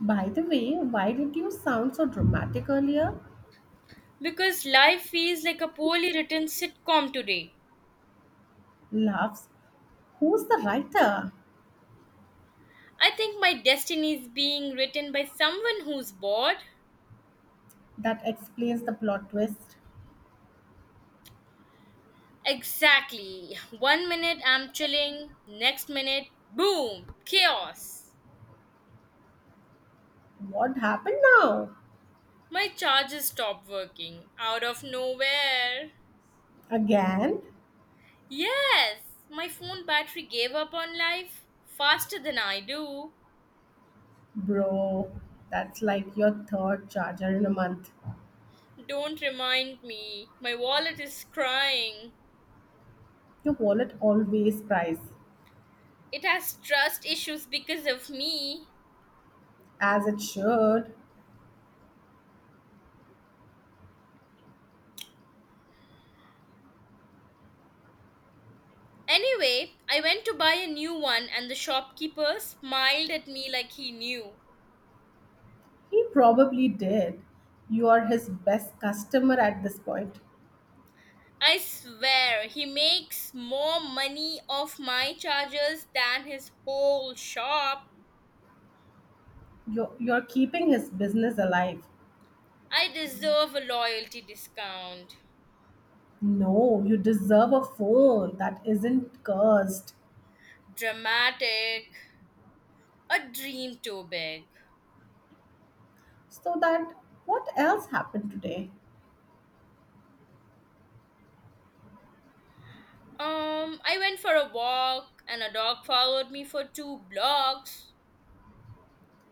By the way, why did you sound so dramatic earlier? Because life feels like a poorly written sitcom today. Laughs. Who's the writer? I think my destiny is being written by someone who's bored. That explains the plot twist. Exactly. One minute I'm chilling, next minute, boom, chaos. What happened now? My charger stopped working out of nowhere. Again? Yes, my phone battery gave up on life faster than I do. Bro, that's like your third charger in a month. Don't remind me, my wallet is crying. Your wallet always cries. It has trust issues because of me. As it should. Anyway, I went to buy a new one, and the shopkeeper smiled at me like he knew. He probably did. You are his best customer at this point. I swear, he makes more money off my charges than his whole shop. You're keeping his business alive. I deserve a loyalty discount. No, you deserve a phone that isn't cursed. Dramatic. A dream too big. So that what else happened today? I went for a walk, and a dog followed me for two blocks.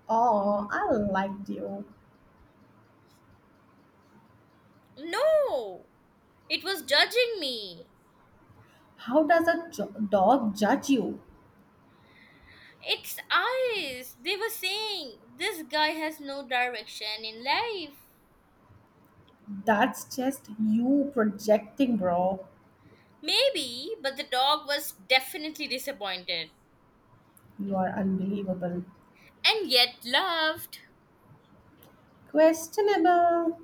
Oh, I liked you. No! It was judging me. How does a dog judge you? It's eyes. They were saying this guy has no direction in life. That's just you projecting, bro. Maybe, but the dog was definitely disappointed You are unbelievable. and yet loved. Questionable.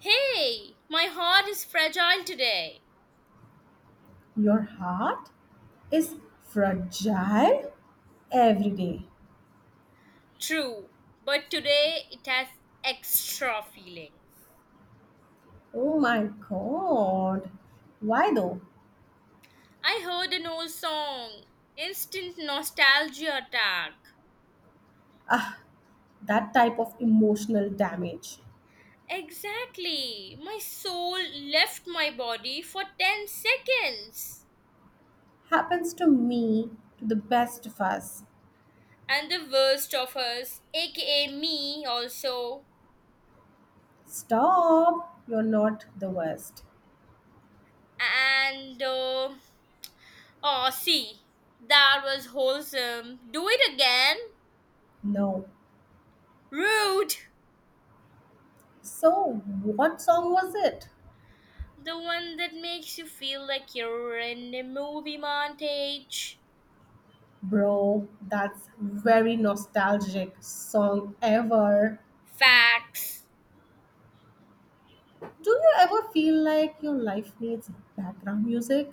Hey, my heart is fragile today. Your heart is fragile every day. True, but today it has extra feelings. Oh my god. Why though? I heard an old song, instant nostalgia attack. Ah, that type of emotional damage Exactly, my soul left my body for 10 seconds. happens to me, to the best of us. And the worst of us, aka me also, Stop, you're not the worst. and oh, see, that was wholesome. Do it again. No. Rude. So, what song was it? The one that makes you feel like you're in a movie montage. Bro, that's very nostalgic song ever. Facts. Do you ever feel like your life needs background music?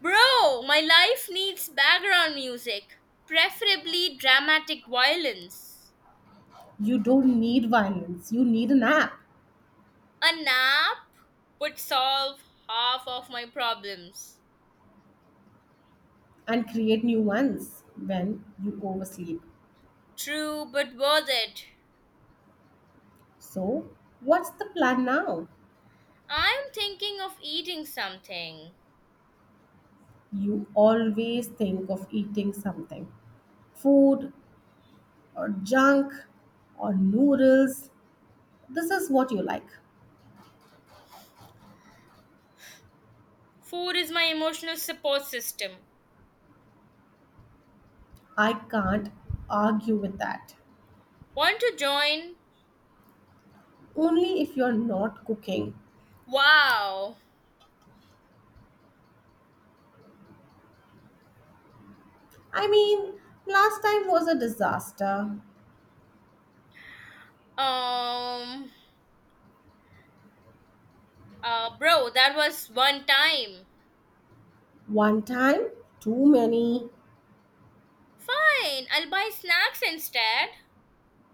Bro, my life needs background music, preferably dramatic violence. You don't need violence. You need an app A nap would solve half of my problems. and create new ones when you oversleep. True, but worth it. So, what's the plan now? I'm thinking of eating something. You always think of eating something food or junk or noodles. This is what you like. Food is my emotional support system. I can't argue with that. Want to join? Only if you're not cooking. Wow. I mean, last time was a disaster. Um bro, that was one time. One time, too many. Fine, I'll buy snacks instead.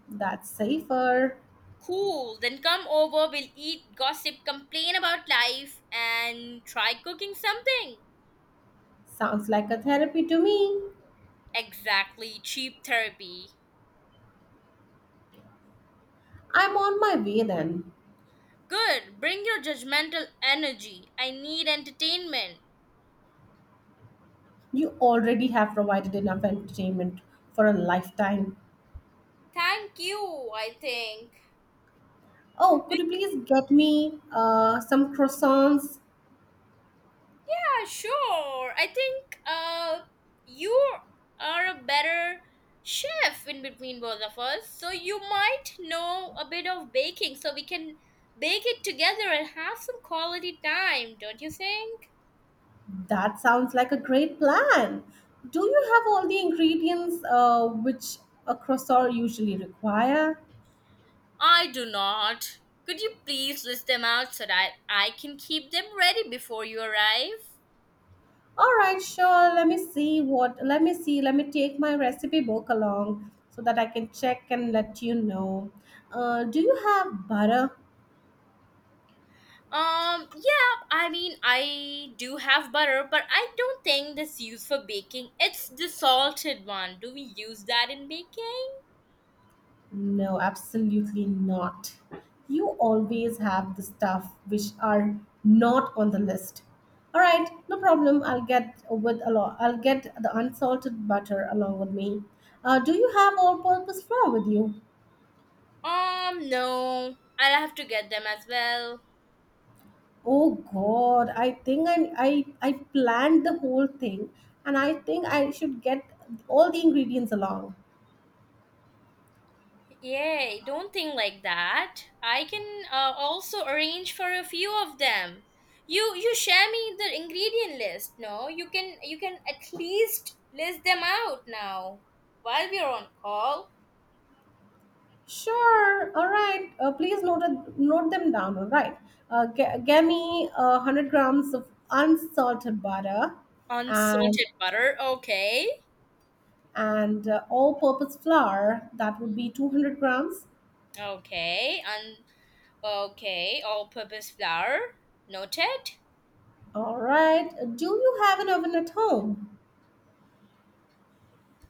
That's safer. Cool, then come over, we'll eat, gossip, complain about life, and try cooking something. Sounds like a therapy to me. Exactly, cheap therapy. I'm on my way then. Good, bring your judgmental energy. I need entertainment. You already have provided enough entertainment for a lifetime. Thank you, I think. Oh, could Yeah, you please get me some croissants? sure. I think you are a better chef in between both of us, so you might know a bit of baking, so we can bake it together and have some quality time, don't you think? That sounds like a great plan. Do you have all the ingredients which a croissant usually require? I do not. Could you please list them out so that I can keep them ready before you arrive? All right, sure. Let me see what. Let me see. Let me take my recipe book along so that I can check and let you know. Do you have butter? Yeah, I mean, I do have butter, but I don't think that's used for baking. It's the salted one. Do we use that in baking? No, absolutely not. You always have the stuff which are not on the list. All right, no problem. I'll get with a lot. I'll get the unsalted butter along with me. Do you have all-purpose flour with you? No. I'll have to get them as well. Oh God, I think I planned the whole thing, and I think I should get all the ingredients along. Yay, don't think like that. I can also arrange for a few of them. You share me the ingredient list, no? You can at least list them out now while we're on call. Sure. All right. Please note it. Note them down. All right. Give me 100 grams of unsalted butter, and Unsalted butter, okay. and all-purpose flour. That would be 200 grams. Okay, and okay, all-purpose flour, noted. All right. Do you have an oven at home?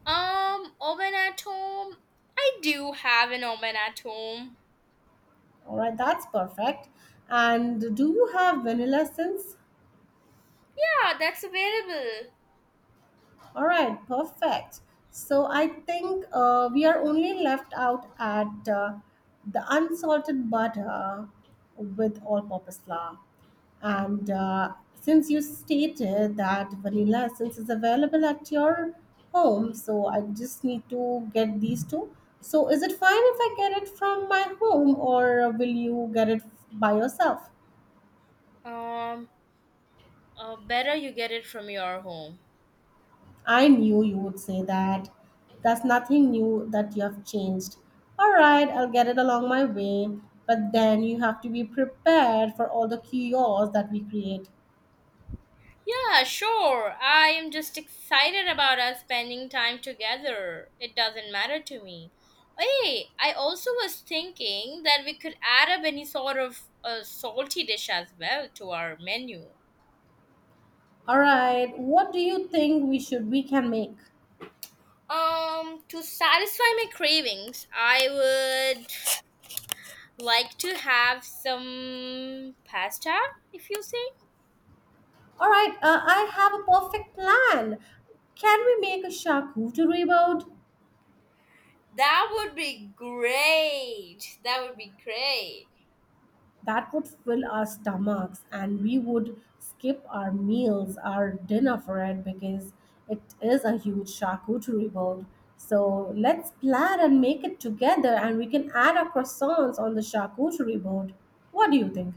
Oven at home. I do have an oven at home. All right. That's perfect. And do you have vanilla essence? Yeah, that's available. All right, perfect. So I think we are only left out at the unsalted butter with all-purpose flour. And since you stated that vanilla essence is available at your home, so I just need to get these two. So is it fine if I get it from my home, or will you get it by yourself? Um, better you get it from your home. I knew you would say that. That's nothing new that you have changed. All right, I'll get it along my way, but then you have to be prepared for all the chaos that we create. Yeah, sure. I am just excited about us spending time together. It doesn't matter to me. Hey, I also was thinking that we could add up any sort of a salty dish as well to our menu. All right, what do you think we can make? To satisfy my cravings, I would like to have some pasta, if you say. All right, I have a perfect plan. Can we make a charcuterie board? That would be great. That would be great. That would fill our stomachs and we would skip our meals, our dinner for it because it is a huge charcuterie board. So let's plan and make it together and we can add our croissants on the charcuterie board. What do you think?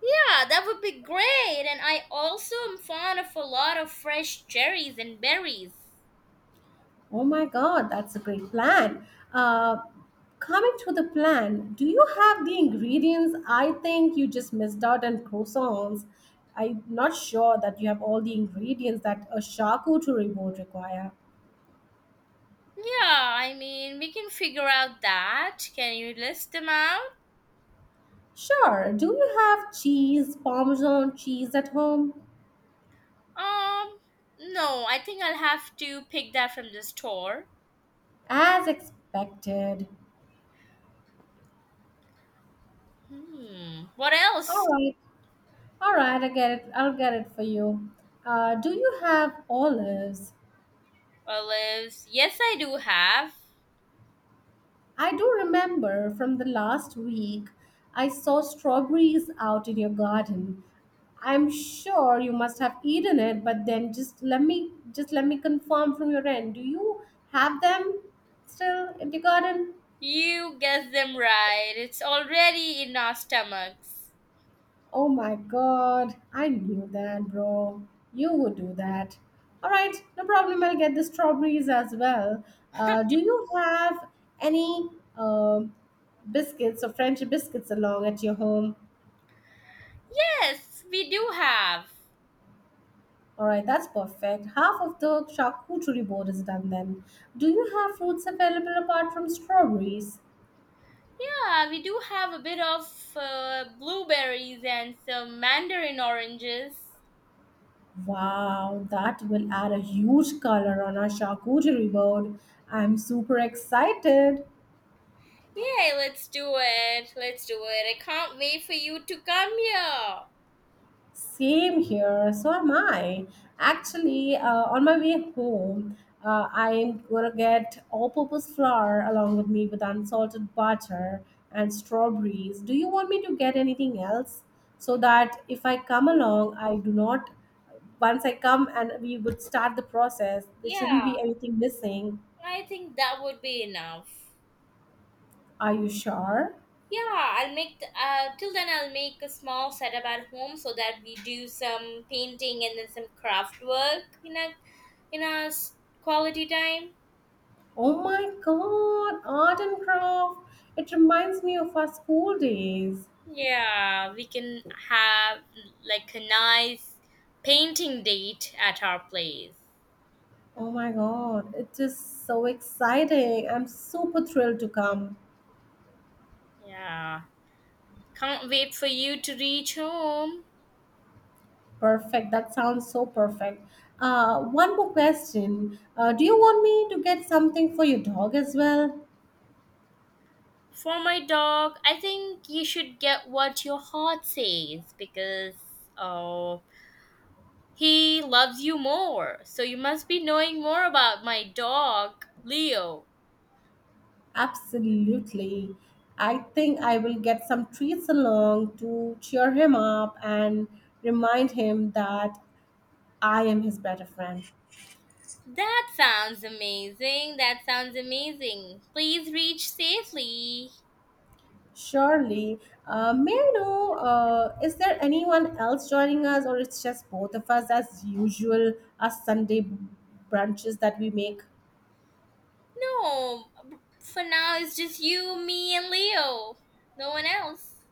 Yeah, that would be great. And I also am fond of a lot of fresh cherries and berries. Oh my god, that's a great plan. Uh, coming to the plan, do you have the ingredients? I think you just missed out on croissants. I'm not sure that you have all the ingredients that a charcuterie board require. Yeah, I mean, we can figure out that. Can you list them out? Sure, do you have cheese, Parmesan cheese at home? Um, no, I think I'll have to pick that from the store. As expected. Hmm, what All else? right, all right, I get it. I'll get it for you. Do you have olives? Olives. Yes, I do have. I do remember from the last week I saw strawberries out in your garden. I'm sure you must have eaten it, but then just let me confirm from your end. Do you have them still in the garden? You guessed them right. It's already in our stomachs. Oh my god, I knew that, bro. You would do that. All right, no problem. I'll get the strawberries as well. Do you have any um biscuits or French biscuits along at your home? Yes, we do have. All right, that's perfect. Half of the charcuterie board is done then. Do you have fruits available apart from strawberries? Yeah, we do have a bit of blueberries and some mandarin oranges. Wow, that will add a huge color on our charcuterie board. I'm super excited. Yay, let's do it. Let's do it. I can't wait for you to come here. Same here. So am I. Actually, on my way home, I'm gonna get all-purpose flour along with me with unsalted butter and strawberries. Do you want me to get anything else so that if I come along, I do not. Once I come and we would start the process, there shouldn't Yeah, be anything missing. I think that would be enough. Are you sure? Yeah, I'll make till then I'll make a small setup at home so that we do some painting and then some craft work in a in a s- quality time. Oh my God! Art and craft. It reminds me of our school days. Yeah, we can have like a nice painting date at our place. Oh my god, it is so exciting. I'm super thrilled to come. Yeah, can't wait for you to reach home. Perfect. That sounds so perfect. One more question. Do you want me to get something for your dog as well? For my dog, I think you should get what your heart says because oh, he loves you more, so you must be knowing more about my dog, Leo. Absolutely. I think I will get some treats along to cheer him up and remind him that I am his better friend. That sounds amazing. That sounds amazing. Please reach safely. Surely. May I know, is there anyone else joining us, or it's just both of us as usual, as Sunday brunches that we make? No, for now it's just you, me, and Leo. No one else.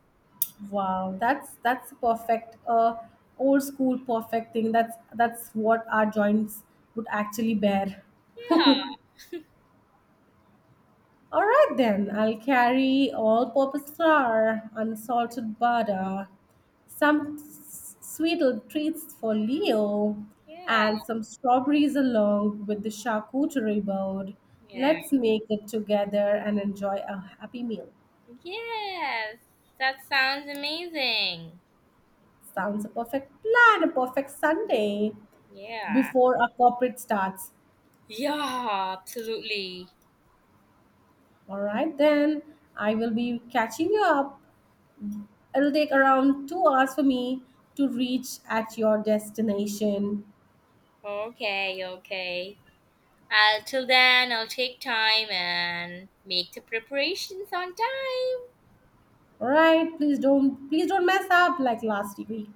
Wow, that's a perfect. Old school perfect thing. That's what our joints would actually bear. Yeah, All right then, I'll carry all-purpose flour, unsalted butter, some sweet little treats for Leo, yeah, and some strawberries along with the charcuterie board. yeah. Let's make it together and enjoy a happy meal. Yes, that sounds amazing. Sounds a perfect plan, a perfect Sunday Yeah. before our corporate starts. Yeah, absolutely. All right then, I will be catching you up. It'll take around 2 hours for me to reach at your destination. Okay, okay. I'll till then I'll take time and make the preparations on time. Alright, please don't mess up like last week.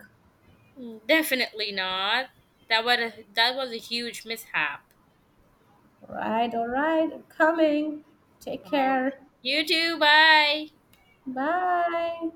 Definitely not. That was a huge mishap. Alright, alright, coming. Take Um, care. you too. Bye. Bye.